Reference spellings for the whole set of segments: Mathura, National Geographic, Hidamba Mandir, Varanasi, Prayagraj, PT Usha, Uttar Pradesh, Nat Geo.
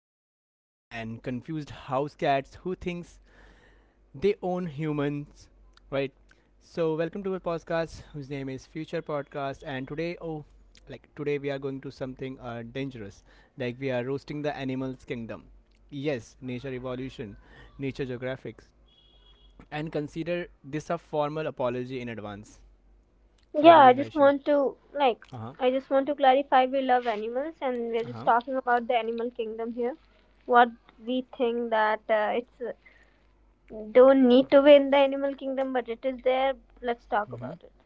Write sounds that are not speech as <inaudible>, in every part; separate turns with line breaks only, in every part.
gentlemen, and confused house cats who thinks they own humans, right? So welcome to our podcast, whose name is Future Podcast, and today, today we are going to something dangerous, like we are roasting the animals kingdom. Yes, nature evolution, nature geographics, and consider this a formal apology in advance. So
Yeah,
what do you
I
think,
just
Aishin?
want to like
Uh huh.
I just want to clarify we love animals, and we're
Uh
just
huh.
talking about the animal kingdom here. What we think that it's don't need to be in the animal kingdom, but it is there. Let's talk
Mm-hmm.
about it.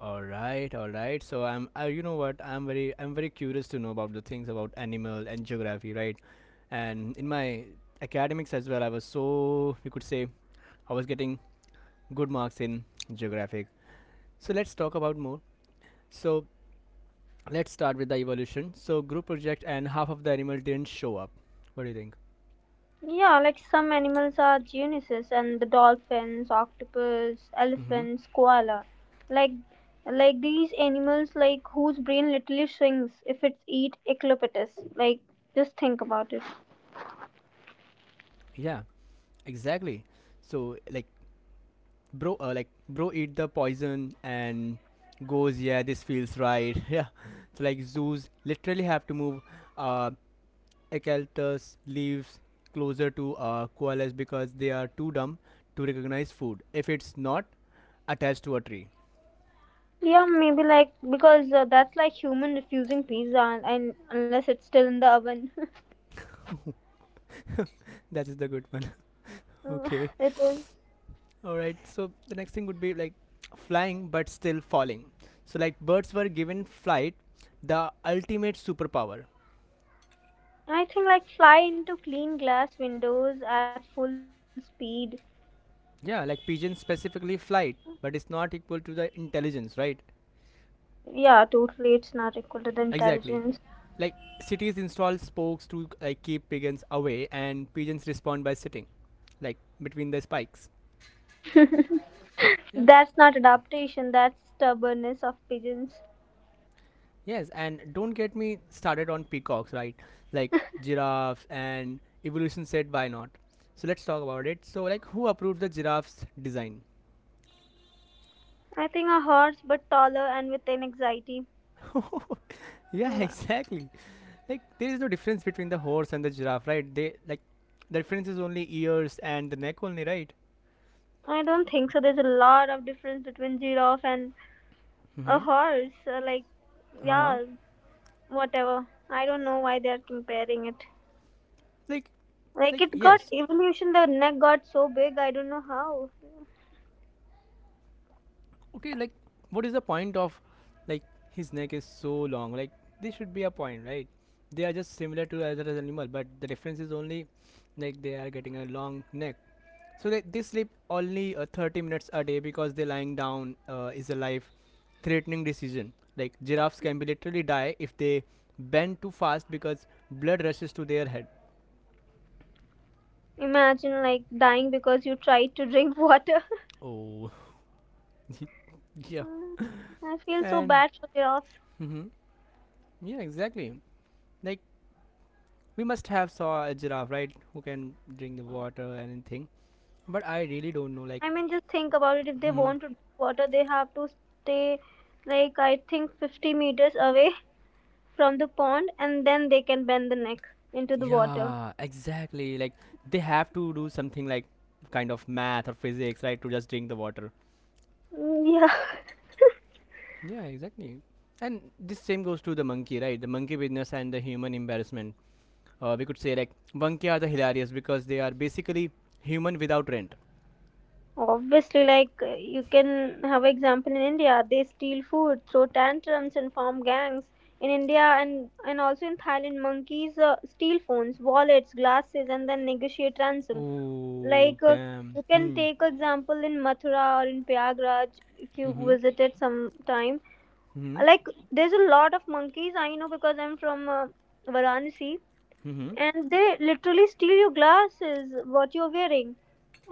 All right, all right. So I'm, I, you know what? I'm very curious to know about the things about animal and geography, right? And in my academics as well, I was so, you could say, I was getting good marks in geographic. So let's talk about more. So let's start with the evolution. So group project and half of the animal didn't show up. What do you think?
Yeah, like some animals are geniuses: and the dolphins, octopus,
Mm-hmm.
elephants, koala. Like like these animals whose brain literally shrinks if it's eat eclopetus. Like just think about it.
Yeah, exactly. So like bro eat the poison and goes, yeah, this feels right. <laughs> Yeah, so like zoos literally have to move uh eucalyptus leaves closer to koalas because they are too dumb to recognize food if it's not attached to a tree.
Yeah, maybe like because that's like human refusing pizza, and unless it's still in the oven. <laughs>
That is the good one. <laughs>
Uh,
Okay,
it is.
all right, so the next thing would be like flying but still falling. So like birds were given flight, the ultimate superpower.
I think like fly into clean glass windows at full speed.
Yeah, like pigeons specifically flight, but it's not equal to the intelligence, right?
Yeah, totally. It's not equal to the
Exactly.
intelligence.
Like cities install spokes to like keep pigeons away, and pigeons respond by sitting like between the spikes. Yeah.
That's not adaptation. That's stubbornness of pigeons.
Yes, and don't get me started on peacocks, right? Like giraffes, and evolution said why not. So let's talk about it. So like who approved the giraffe's design?
I think a horse, but taller and with an anxiety.
<laughs> Yeah,
Mm,
exactly. Like there is no difference between the horse and the giraffe, right? The difference is only ears and the neck only, right?
I don't think so. There's a lot of difference between giraffe and a
Mm-hmm.
horse. Like,
Uh-huh.
yeah, whatever. I don't know why they are comparing it.
like
Like
like
it got
yes,
evolution, the neck got so big, I don't know how.
okay, like what is the point of like his neck is so long, like there should be a point, right? They are just similar to other animal, but the difference is only like they are getting a long neck. So they sleep only 30 minutes a day because they lying down is a life threatening decision. Like giraffes can be literally die if they bend too fast because blood rushes to their head.
Imagine like dying because you tried to drink water. <laughs>
Oh. <laughs> Yeah.
Mm, I feel so
And
bad for giraffes.
mhm. yeah, exactly. Like we must have saw a giraffe, right? Who can drink the water or anything. But I really don't know. Like,
I mean, just think about it. If they
mhm.
want to drink water, they have to stay like I think 50 meters away <laughs> from the pond, and then they can bend the neck into the water.
yeah, exactly, like they have to do something like kind of math or physics, right, to just drink the water.
Mm, yeah.
Yeah, exactly. And this same goes to the monkey, right? The monkey business and the human embarrassment. We could say like monkey are the hilarious because they are basically human without rent.
Obviously, like you can have example in India, they steal food, throw tantrums, and form gangs. In India, and also in Thailand, monkeys steal phones, wallets, glasses, and then negotiate ransom.
Oh
Like
damn.
you can
Hmm.
take example in Mathura or in Prayagraj if you
Mm-hmm.
visited some time.
Mm-hmm.
Like there's a lot of monkeys, I know, because I'm from Varanasi,
Mm-hmm.
and they literally steal your glasses, what you're wearing,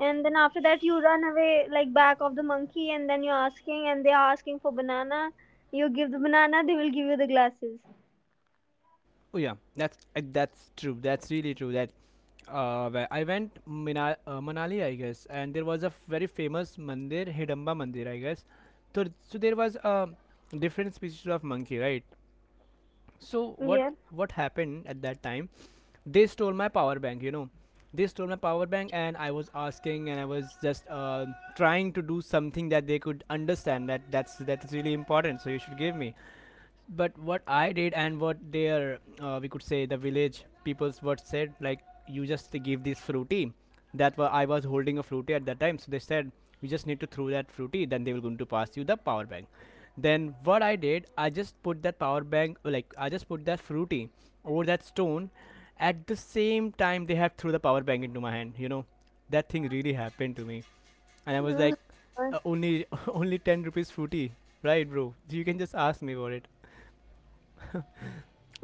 and then after that, you run away like back of the monkey, and then you're asking, and they're asking for banana. You give the banana, they will give you the glasses.
Oh yeah, that's true. That's really true. That where I went Manali, I guess, and there was a very famous mandir, Hidamba Mandir, I guess. So there was a different species of monkey, right? So what
Yeah.
what happened at that time? They stole my power bank, you know, they stole my power bank, and I was asking, and I was just trying to do something that they could understand, that that's really important, so you should give me. But what I did, and what their, we could say, the village people's what said, like you just give this fruity. I was holding a fruity at that time, so they said you just need to throw that fruity, then they were going to pass you the power bank. Then what I did, I just put that power bank, like I just put that fruity over that stone. At the same time, they have threw the power bank into my hand. You know, that thing really happened to me, and I was
Mm.
like,
Uh,
only <laughs> only ten rupees fruity, right, bro? You can just ask me about it.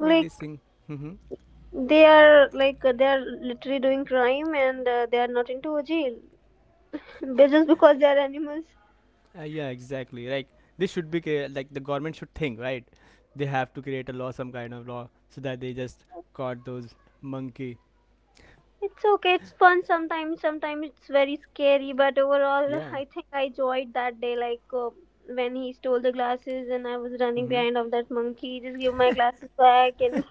Like this thing. Mm-hmm.
they are literally doing crime, and they are not into a jail. <laughs> But just because they are animals,
Yeah, exactly, like this should be like the government should think, right? They have to create a law, some kind of law, so that they just caught those monkey.
it's okay. It's fun sometimes. Sometimes it's very scary, but overall,
Yeah.
I think I enjoyed that day. Like when he stole the glasses, and I was running
Mm-hmm.
behind of that monkey. Just give my glasses back, and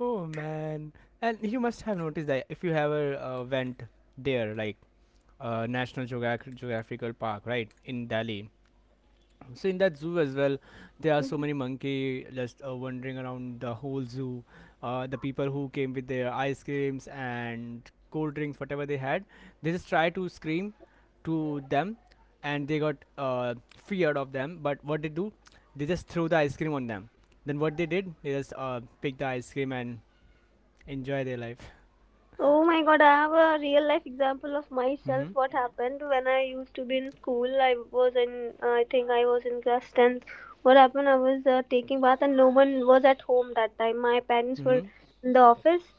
Oh man. And you must have noticed that if you ever went there, like National Geographical Park, right, in Delhi. So in that zoo as well, there are so many
<laughs>
monkey just wandering around the whole zoo. The people who came with their ice creams and cold drinks, whatever they had, they just try to scream to them, and they got feared of them. But what they do, they just throw the ice cream on them. Then what they did, they just pick the ice cream and enjoy their life.
oh my god, I have a real life example of myself.
Mm-hmm.
What happened when I used to be in school? I was in, I think I was in class 10th. What happened? I was taking bath, and no one was at home that time. My parents were
Mm-hmm.
in the office,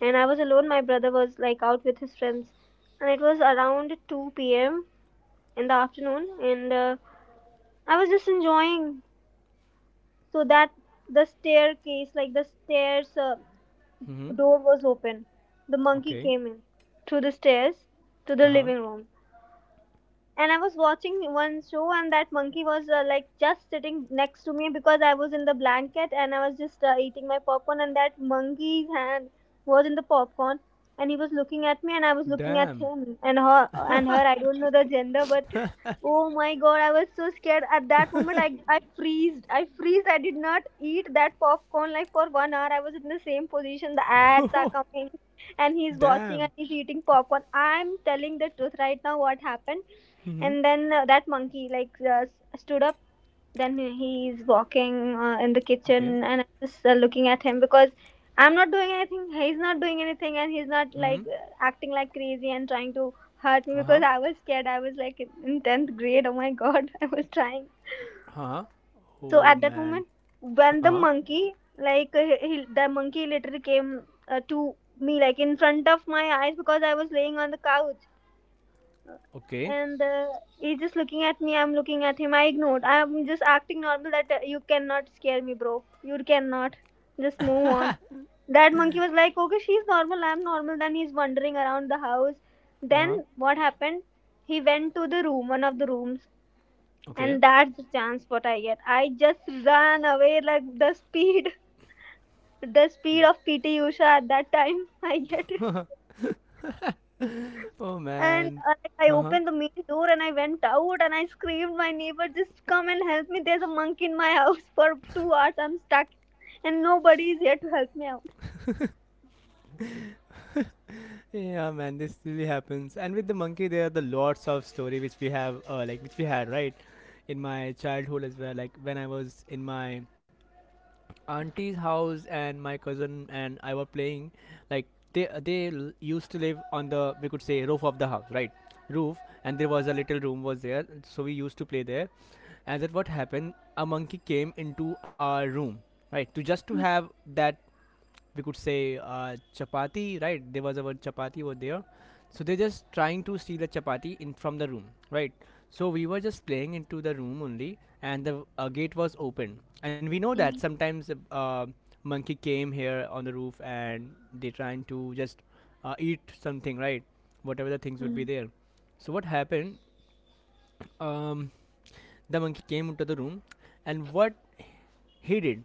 and I was alone. My brother was like out with his friends. And it was around 2 p.m. in the afternoon, and I was just enjoying. So that the staircase, like the stairs, the
Mm-hmm.
door was open. The monkey
Okay.
came in through the stairs to the
Uh huh.
living room, and I was watching one show, and that monkey was like just sitting next to me because I was in the blanket, and I was just eating my popcorn, and that monkey's hand was in the popcorn, and he was looking at me, and I was looking at
Damn.
him and her and her. I don't know the gender, but <laughs> oh my god, I was so scared at that moment. I freezed. I freezed. I did not eat that popcorn like for 1 hour. I was in the same position. The ads are
<laughs>
coming, <laughs> and he's watching, and
Damn.
he's eating popcorn. I'm telling the truth right now. What happened?
Mm-hmm.
And then that monkey like stood up. Then he's walking in the
Okay.
kitchen, and I'm just looking at him, because I'm not doing anything. He's not doing anything, and he's not like
Mm-hmm.
acting like crazy and trying to hurt me
Uh huh.
because I was scared. I was like in 10th grade. Oh my god, <laughs> I was trying.
Huh?
So
Oh
at that
man.
moment,
Uh
when the
huh.
monkey like the monkey literally came to me like in front of my eyes because I was laying on the couch,
Okay.
and he's just looking at me. I'm looking at him. I ignored. I'm just acting normal that, you cannot scare me, bro. You cannot just move on. That monkey was like, okay, she's normal, I'm normal. Then he's wandering around the house.
Uh
Then
huh.
what happened? He went to the room, one of the rooms,
Okay.
and that's the chance what I get. I just ran away like the speed <laughs> the speed of PT Usha at that time. <laughs> I get.
<laughs> Oh
And
man.
like I
Uh huh.
opened the main door, and I went out, and I screamed, my neighbor, just come and help me. There's a monk in my house <laughs> for 2 hours. I'm stuck, and nobody is here to help me out.
Yeah, man. This really happens. And with the monkey, there are the lots of story which we have, like which we had, right, in my childhood as well. Like when I was in my auntie's house and my cousin and I were playing, like they used to live on the, we could say, roof of the house, right? Roof, and there was a little room was there, so we used to play there. And then what happened, a monkey came into our room, right, to just to have that, we could say, chapati, right? There was our chapati over there, so they just trying to steal the chapati in from the room, right? So we were just playing into the room only, and the gate was open, and we know that
Mhm.
sometimes monkey came here on the roof and they trying to just eat something, right, whatever the things would be there. So what happened, um, the monkey came into the room, and what he did,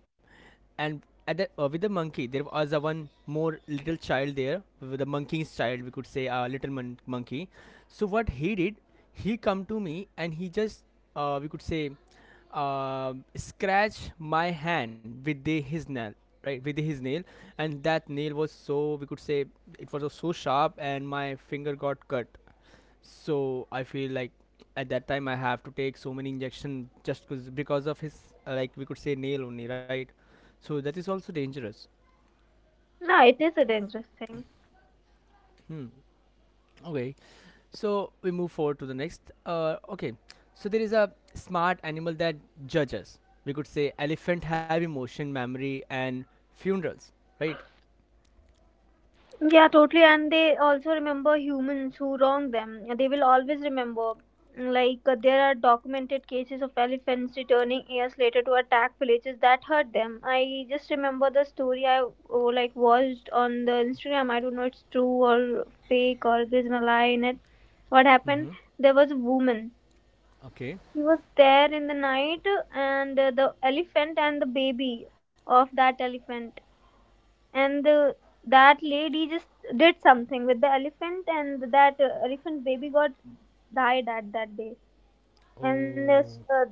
and at the, with the monkey, there was a one more little child there. With the monkey's child, we could say a little monkey. So what he did, he come to me and he just, we could say, scratch my hand with the, his nail, right, with his nail, and that nail was so, we could say, it was so sharp, and my finger got cut. So I feel like at that time I have to take so many injection just because of his like we could say nail only, right? So that is also dangerous.
No, it is a dangerous thing.
Hmm. Okay, so we move forward to the next. Okay, so there is a smart animal that judges, we could say, elephant have emotion, memory and funerals, right?
Yeah, totally. And they also remember humans who wrong them. They will always remember. Like, there are documented cases of elephants returning years later to attack villages that hurt them. I just remember the story like watched on the Instagram. I don't know it's true or fake or there's a lie in it. What happened?
Mm-hmm.
There was a woman.
Okay.
She was there in the night, and the elephant and the baby of that elephant and that lady just did something with the elephant, and that elephant baby got died at that day, and
Oh,
this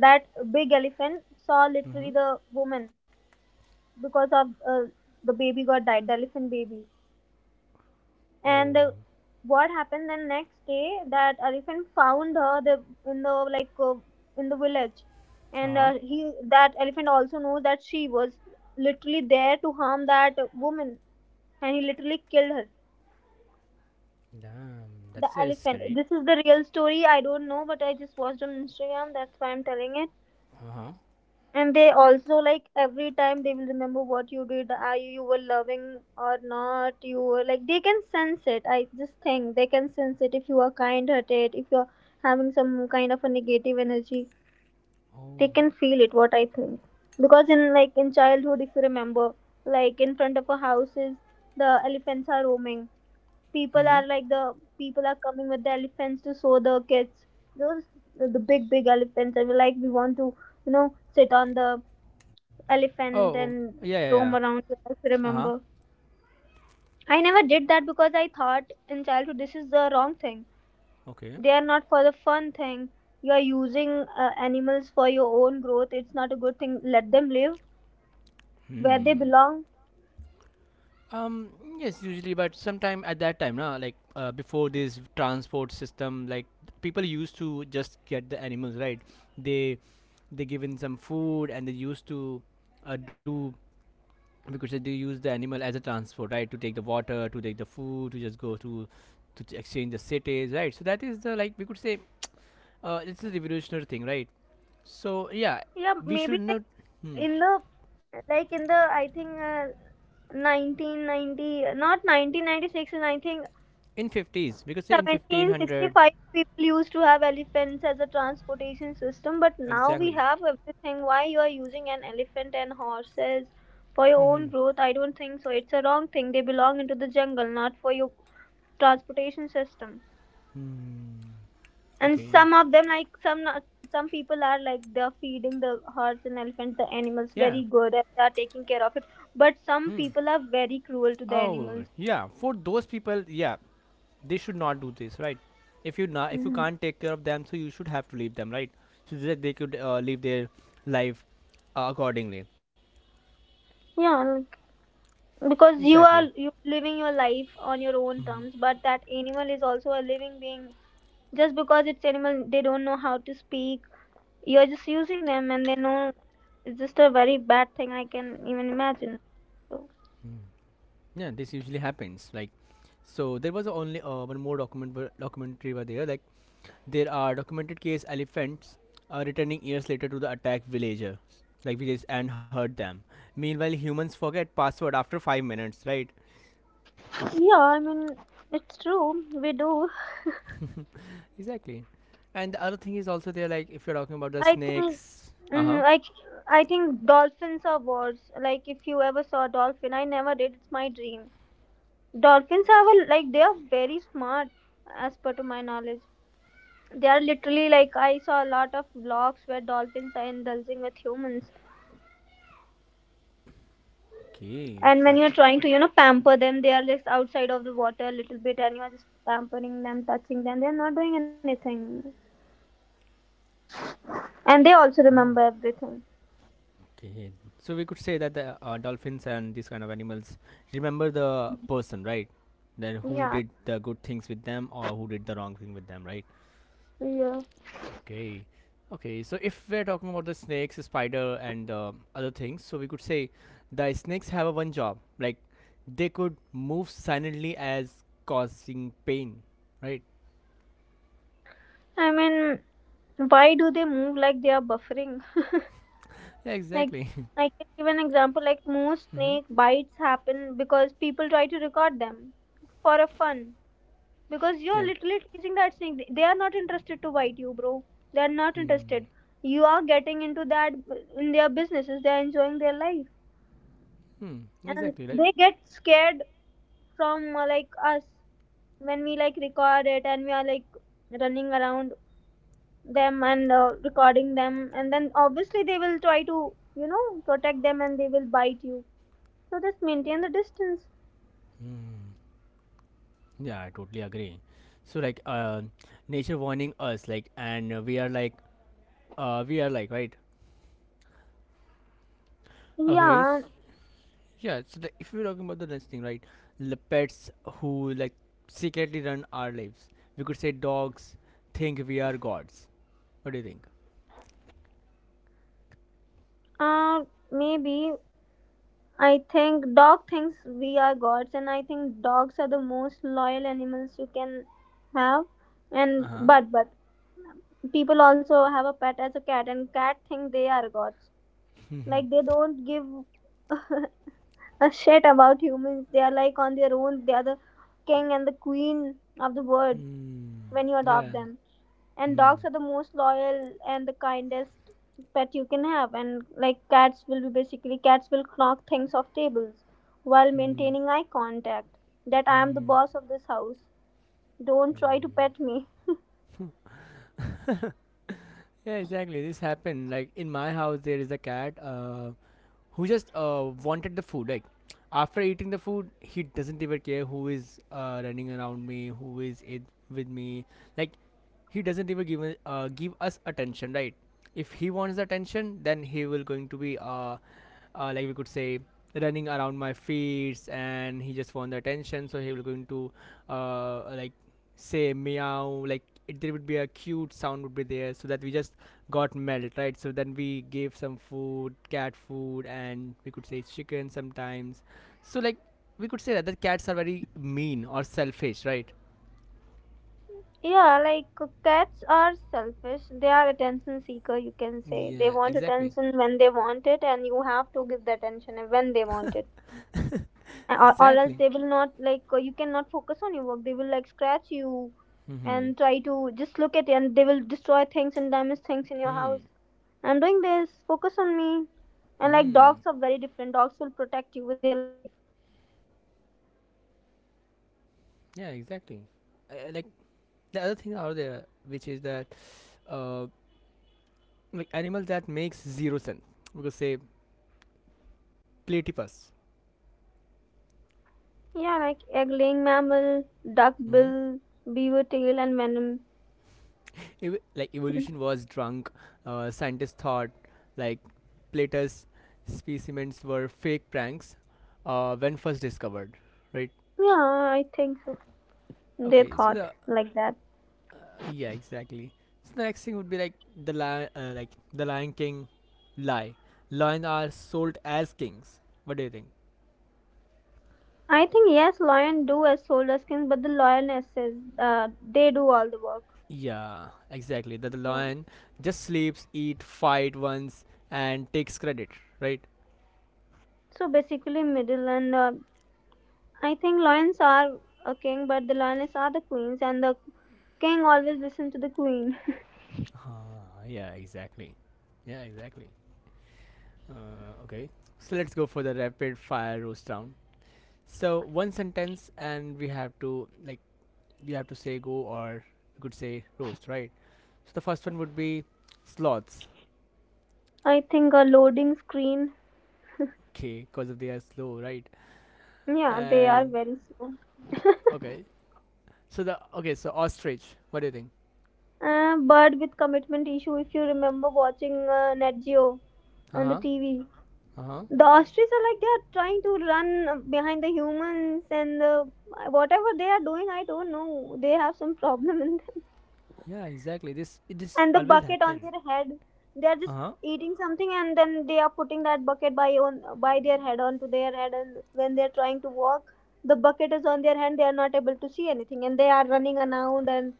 that big elephant saw literally
mm-hmm.
the woman because of the baby got died, the elephant baby. And
Oh,
what happened, the next day that elephant found her the in the like in the village, and
uh-huh.
he that elephant also knows that she was literally there to harm that woman, and he literally killed her.
Damn.
The
That's very
elephant.
scary.
This is the real story. I don't know, but I just watched on Instagram. That's why I'm telling it.
Uh-huh.
And they also like every time they will remember what you did. You were loving or not? You were like they can sense it. I just think they can sense it if you are kind hearted, if you're having some kind of a negative energy. They
Oh,
can feel it, what I think. Because in childhood if you remember, like in front of our houses the elephants are roaming, people
mm-hmm.
are like the people are coming with the elephants to show the kids those the big big elephants, and we're like we want to you know sit on the elephant
Oh,
and
yeah, yeah, yeah.
roam around. If
Uh huh.
remember, I never did that because I thought in childhood this is the wrong thing.
Okay.
They are not for the fun thing. You are using animals for your own growth. It's not a good thing. Let them live where they
Hmm.
belong.
Um. Yes, usually, but sometime at that time, na, like before this transport system, like people used to just get the animals, right? They they given some food, and they used to do because they use the animal as a transport, right? To take the water, to take the food, to just go to exchange the cities, right? So that is the, like we could say, it's a revolutionary thing, right? So yeah,
Yeah,
we
maybe
should not. Hmm.
in the in the I think 1990, not 1996, and I think
In 50s, we could say, in 1500,
1765 people used to have elephants as a transportation system. But now we
exactly.
have everything. Why you are using an elephant and horses for your
Hmm.
own growth? I don't think so. It's a wrong thing. They belong into the jungle, not for your transportation system.
Hmm.
And
Okay,
some of them like some not- some people are like they're feeding the horse and elephant, the animals,
yeah.
very good, and they're taking care of it. But
Hmm.
some people are very cruel to the
Oh
animals.
yeah, for those people, yeah, they should not do this, right? If you not, if you
Hmm,
can't take care of them, so you should have to leave them, right, so that they could live their life accordingly.
yeah, like, because you
Exactly.
are you living your life on your own terms,
Hmm.
but that animal is also a living being. Just because it's animal, they don't know how to speak, you're just using them, and they know. It's just a very bad thing. I can even imagine. So
Hmm. Yeah, this usually happens. Like so there was only one more documentary were there. Like there are documented case elephants returning years later to the attack villager, like villages, and hurt them. Meanwhile, humans forget password after 5 minutes, right?
yeah, I mean, it's true, we do.
Exactly. And the other thing is also there, like if you're talking about the
I think
snakes. Uh huh.
mm, like I think dolphins are worse. Like if you ever saw a dolphin, I never did. It's my dream. Dolphins are well, like they are very smart, as per to my knowledge. They are literally like I saw a lot of vlogs where dolphins are indulging with humans,
Okay,
and when
but
you're trying to pamper them, they are just outside of the water a little bit, and you're just pampering them, touching them. They're not doing anything, and they also remember everything.
okay. So we could say that the dolphins and these kind of animals remember the person, right? Then who
Yeah,
did the good things with them or who did the wrong thing with them, right?
yeah.
Okay. Okay, so if we're talking about the snakes, the spider, and other things, so we could say the snakes have a one job, like they could move silently as causing pain, right?
I mean, why do they move like they are buffering?
Yeah,
<laughs> Like,
exactly. <laughs>
I can give an example like most
Hmm.
snake bites happen because people try to record them for a fun. Because you're
Yeah.
literally teasing that snake. They are not interested to bite you, bro. They are not
Hmm.
interested. You are getting into that in their businesses. They are enjoying their life.
Hmm.
And
Exactly. Right.
they get scared from like us when we like record it and we are like running around them and recording them, and then obviously they will try to you know protect them and they will bite you, so just maintain the distance.
Hmm. Yeah, I totally agree. So like, nature warning us, like, and we are like, right? Okay.
Yeah.
Yeah, so like if we're talking about the next thing, right? The pets who like secretly run our lives. We could say dogs think we are gods. What do you think?
uh Maybe I think dog thinks we are gods, and I think dogs are the most loyal animals you can have.
Uh
And
huh.
but people also have a pet as a cat, and cat think they are gods. Like, they don't give <laughs> a shit about humans. They are like on their own. They are the king and the queen of the world
Hmm.
when you adopt
Yeah.
them. And
Hmm.
dogs are the most loyal and the kindest pet you can have. And like, cats will knock things off tables while
Hmm.
maintaining eye contact. That I am the
Hmm.
boss of this house. Don't try to pet me.
Yeah, exactly. This happened. Like in my house, there is a cat. Who just wanted the food. Like after eating the food, he doesn't even care who is running around me, who is it with me. Like he doesn't even give us attention, right? If he wants the attention, then he will going to be like we could say running around my feet, and he just want the attention, so he will going to like say meow. Like it, there would be a cute sound would be there, so that we just got melted, right? So then we gave some food, cat food, and we could say chicken sometimes. So like we could say that the cats are very mean or selfish, right?
Yeah, like cats are selfish. They are attention seeker, you can say. They
Yeah,
want
exactly.
attention when they want it, and you have to give the attention when they want it. Or else
Exactly.
they will not like you cannot focus on your work. They will like scratch you
Mm-hmm.
and try to just look at it, and they will destroy things and damage things in your house.
Hmm.
I'm doing this, focus on me. And like,
Mm.
dogs are very different. Dogs will protect you with their life.
Yeah, exactly. Like the other thing out there, which is that uh, like animal that makes zero sense. We could say platypus.
Yeah, like egg laying mammal, duck
Mm-hmm.
bill, beaver tail and venom.
Like
Mm,
evolution was drunk. Scientists thought like Plato's specimens were fake pranks when first discovered. Right.
yeah, I think so. They
Okay. So
thought
the
like that.
yeah, exactly. So the next thing would be like the lion, like the Lion King lie. Lions are sold as kings. What do you think?
I think yes, lion do as soldier skins, but the lionesses they do all the work.
Yeah, exactly. That the
Yeah.
lion just sleeps, eat, fight once, and takes credit, right?
So basically, middle and I think lions are a king, but the lioness are the queens, and the king always listen to the queen.
Yeah, exactly. Yeah, exactly. Okay. So let's go for the rapid fire roast round. So one sentence, and we have to say go, or you could say roast, right? So the first one would be sloths.
<laughs> I think a loading screen.
Okay, because of they are slow, right?
Yeah, they are
And
very slow.
okay. So the okay. So ostrich. What do you think?
But with commitment issue, if you remember watching Nat Geo
Uh
on the
huh.
TV,
Uh huh.
the ostriches are like they are trying to run behind the humans, and whatever they are doing, I don't know. They have some problem in them.
Yeah, exactly. This
And the
always
bucket on
happen.
their head, they are just
Uh huh.
eating something and then they are putting that bucket by on by their head, onto their head, and when they are trying to walk, the bucket is on their hand, they are not able to see anything, and they are running around and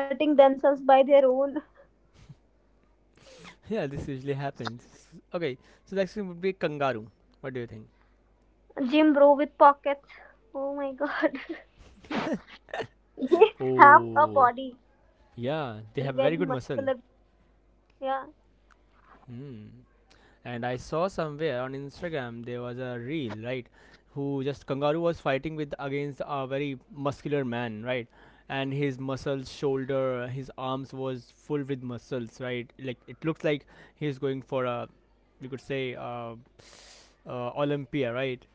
hurting themselves by their own.
Yeah, this usually happens. Okay, so next thing would be kangaroo. What do you think?
<laughs> Gym bro with pockets, oh my god. <laughs> They have a
Oh,
body,
yeah, they have very
very
good muscle.
muscular. Yeah,
Hmm. And I saw somewhere on Instagram, there was a reel, right, who just kangaroo was fighting with against a very muscular man, right, and his muscles, shoulder, his arms was full with muscles, right. Like it looks like he's going for a, we could say, Olympia, right,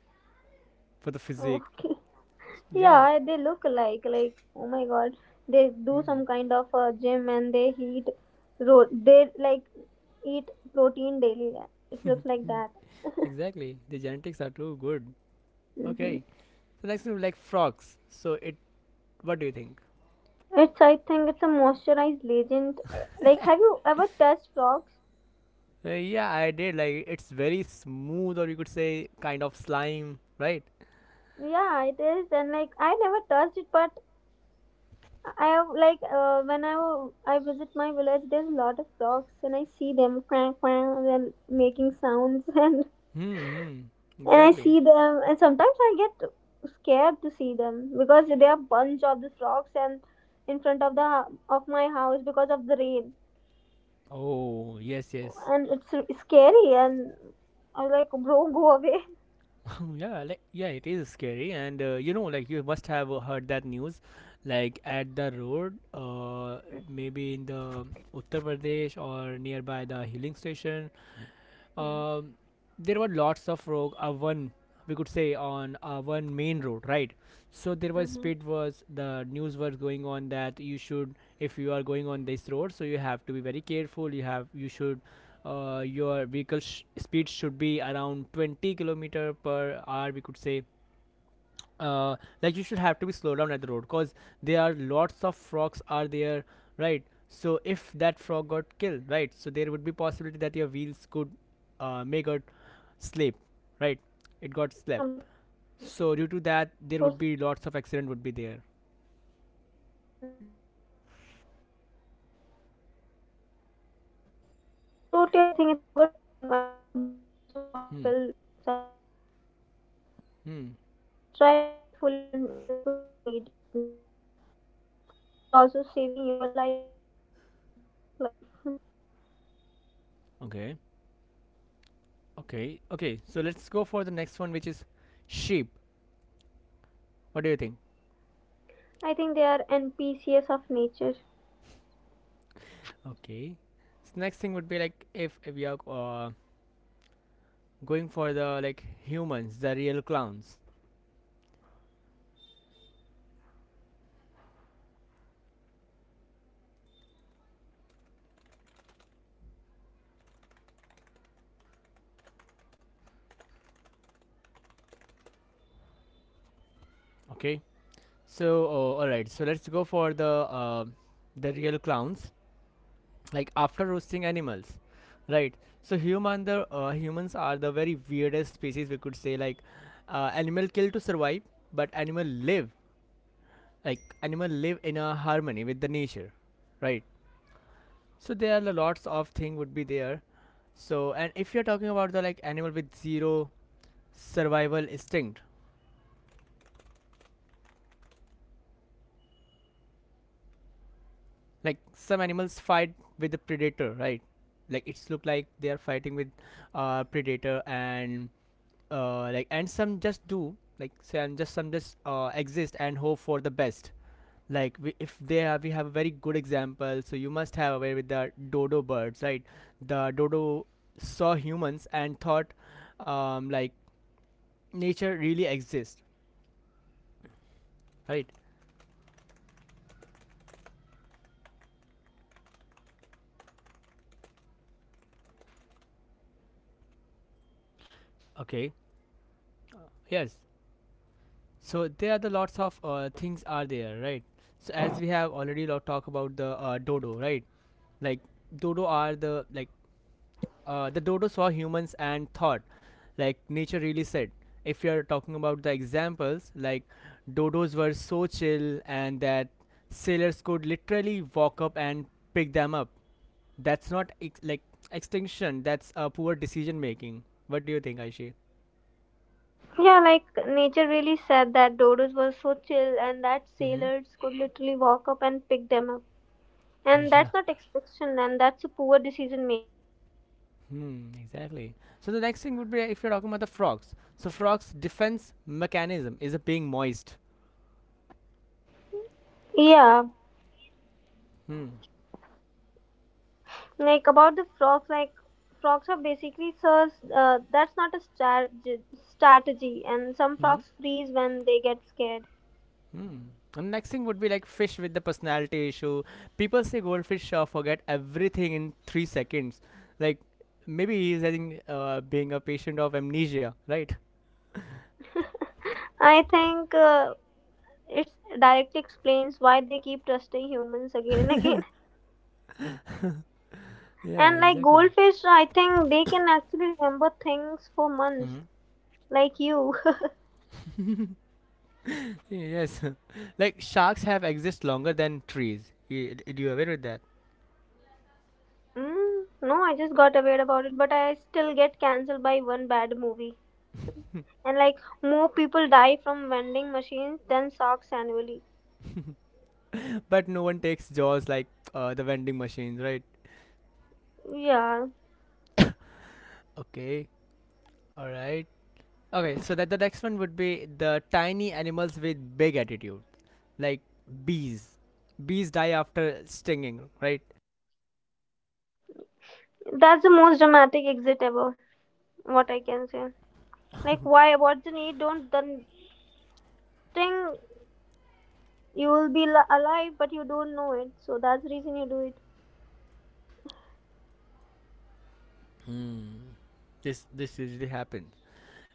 for the physics.
okay.
Yeah,
Yeah, they look alike. Like, oh my god, they do some
mm,
kind of gym and they eat, they like eat protein daily. It looks like that.
exactly. The genetics are too good.
Hmm.
Okay, so next we have, like frogs. So it, what do you think?
It's, I think it's a moisturized legend. Like, have you ever touched frogs?
Yeah, I did. Like it's very smooth, or you could say kind of slime, right?
Yeah, it is. And like, I never touched it, but I have like when I visit my village, there's a lot of frogs and I see them, quack quack. They're making sounds. <laughs>
Hmm. Hmm,
And I
exactly.
see them, and sometimes I get scared to see them because there are bunch of these rocks and in front of the of my house because of the rain,
Oh, yes, yes.
and scary. And I'm like, bro, go away.
<laughs> Yeah, like yeah, it is scary, and like you must have heard that news, like at the road, maybe in the Uttar Pradesh or nearby the healing station, um, there were lots of rogue one we could say on one main road, right. So there was
Mm-hmm.
speed was the news was going on that you should, if you are going on this road, so you have to be very careful, you should your vehicle speed should be around 20 kilometer per hour, we could say. Like you should have to be slow down at the road, because there are lots of frogs are there, right. So if that frog got killed, right, so there would be possibility that your wheels could make a sleep, right, it got slept.
No, yeah,
So due to that,
because they're
there
so
would be lots of
slimy.
accident would be there.
Mm-hmm. Totally, I think it's a good thing, and you don't also want to
Hmm.
kill some living being.
Hmm.
So just drive carefully and in the slow speed. It's better. You're also saving your life and the frog's life. <laughs>
Okay, okay, okay. So let's go for the next one, which is sheep. What do you think?
I think they are NPCs of nature.
Okay, so next thing would be like if we are going for the like humans, the real clowns.
Can you hear me, Adnan? Can you hear me, Adnan?
Okay, so all right, so let's go for the real clowns, like after roasting animals, right. So humans are the very weirdest species, we could say, like animal kill to survive, but animal live like animal live in a harmony with the nature, right. So there are lots of thing would be there, so. And if you're talking about the like animal with zero survival instinct, like some animals fight with the predator, right, like it's look like they are fighting with predator, and some just do, like some just exist and hope for the best. Like we, if they have we have a very good example. So you must have aware with the dodo birds, right. The dodo saw humans and thought like nature really exists, right. Okay, yes. So there are the lots of things are there, right. So as we have already lot talk about the dodo, right, like dodo are the the dodo saw humans and thought like nature really said. If you're talking about the examples, like dodos were so chill and that sailors could literally walk up and pick them up, that's not like extinction, that's a poor decision making. What do you think, Aishi?
Yeah, like nature really said that dodos were so chill and that
Mm-hmm.
sailors could literally walk up and pick them up. And
<laughs> Yeah.
that's not exception, and that's a poor decision making.
Hmm, exactly. So the next thing would be if you're talking about the frogs. So frogs' defense mechanism is a being moist.
Yeah,
Hmm.
like about the frogs, like frogs are basically so that's not a strategy, and some
Hmm.
frogs freeze when they get scared.
Hmm. And next thing would be like fish with the personality issue. People say goldfish forget everything in 3 seconds. Like maybe he's having being a patient of amnesia, right?
I think it directly explains why they keep trusting humans again and again. <laughs>
Yeah,
And like
exactly.
goldfish, I think they can actually remember things for months,
Hmm.
like you. <laughs>
Yes. <laughs> Like sharks have exist longer than trees. You, do you aware with that?
Mm, no, I just got aware about it, but I still get cancelled by one bad movie. And like more people die from vending machines than sharks annually.
<laughs> But no one takes jaws like the vending machines, right?
Yeah,
<coughs> Okay. All right. Okay. So that the next one would be the tiny animals with big attitude. Like bees. Bees die after stinging, right?
that's the most dramatic exit ever. What I can say, like, why? What's the need? Don't the thing you will be li- alive, but you don't know it. So that's the reason you do it.
Hmm. This usually happens.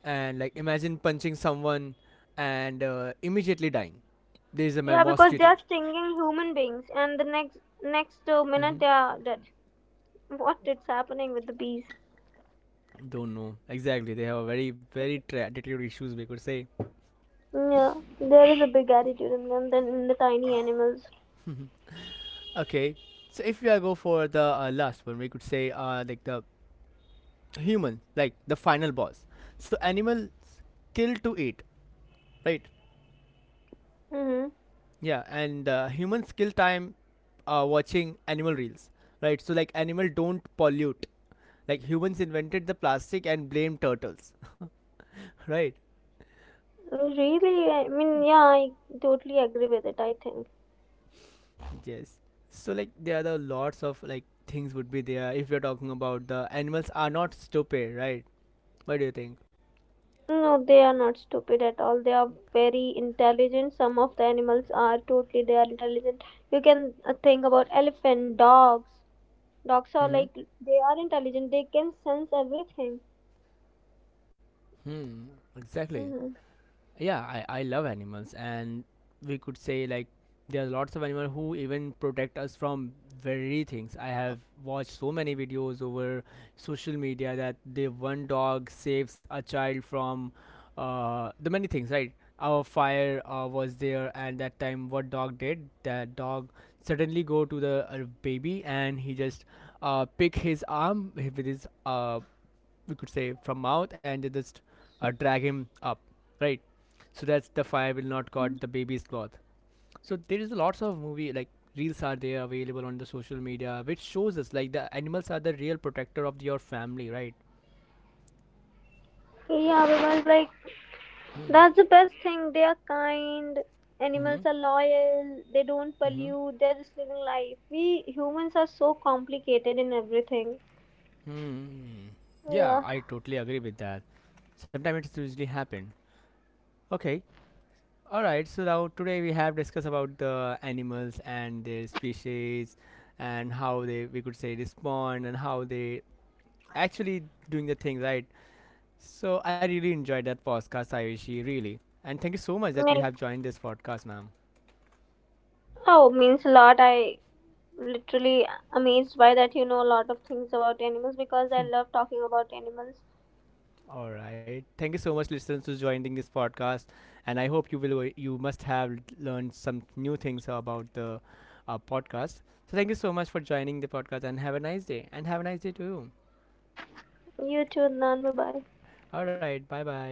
And like imagine punching someone and immediately dying. There's a
Yeah, because they
mosquito.
are stinging human beings, and the next minute
Hmm.
they are dead. What is happening with the bees?
Don't know exactly. They have a very very attitude issues, we could say.
Yeah, there is a big attitude in them than in the tiny animals.
Okay, so if we are go for the last one, we could say like the human, like the final boss. So animal kill to eat, right?
Mm-hmm.
Yeah, and human skill time watching animal reels, right? So like animal don't pollute. Like humans invented the plastic and blame turtles, <laughs> right?
Really, I mean, yeah, I totally agree with it. I think.
Yes. So like there are the lots of like things would be there if you're talking about the animals are not stupid, right? What do you think?
No, they are not stupid at all. They are very intelligent. Some of the animals are totally they are intelligent. You can think about elephant, dogs. Dogs are
Mm-hmm.
like they are intelligent. They can sense everything.
Hmm. Exactly.
Hmm.
Yeah, I love animals, and we could say like there are lots of animals who even protect us from very things. I have watched so many videos over social media that the one dog saves a child from the many things, right. Our fire was there, and that time what dog did, that dog suddenly go to the baby, and he just pick his arm with his we could say from mouth, and they just drag him up, right. So that's the fire will not caught the baby's cloth. So there is lots of movie like reels are there available on the social media, which shows us like the animals are the real protector of your family, right.
Yeah, because like
Hmm.
that's the best thing. They are kind. Animals
Mm-hmm.
are loyal. They don't
Mm-hmm.
pollute. They're just living life. We humans are so complicated in everything.
Hmm. Yeah,
Yeah.
I totally agree with that, sometimes it's usually happen. Okay, all right. So now today we have discussed about the animals and their species, and how they we could say respond, and how they actually doing the thing, right. So I really enjoyed that podcast, Ayushi, really. And thank you so much that you
Like,
have joined this podcast, ma'am.
oh, means a lot. I literally amazed by that a lot of things about animals because I love talking about animals.
All right. Thank you so much, listeners, for joining this podcast. And I hope you will. You must have learned some new things about the podcast. So thank you so much for joining the podcast, and have a nice day. And have a nice day to you.
You too, Adnan. Bye bye.
All right. Bye bye.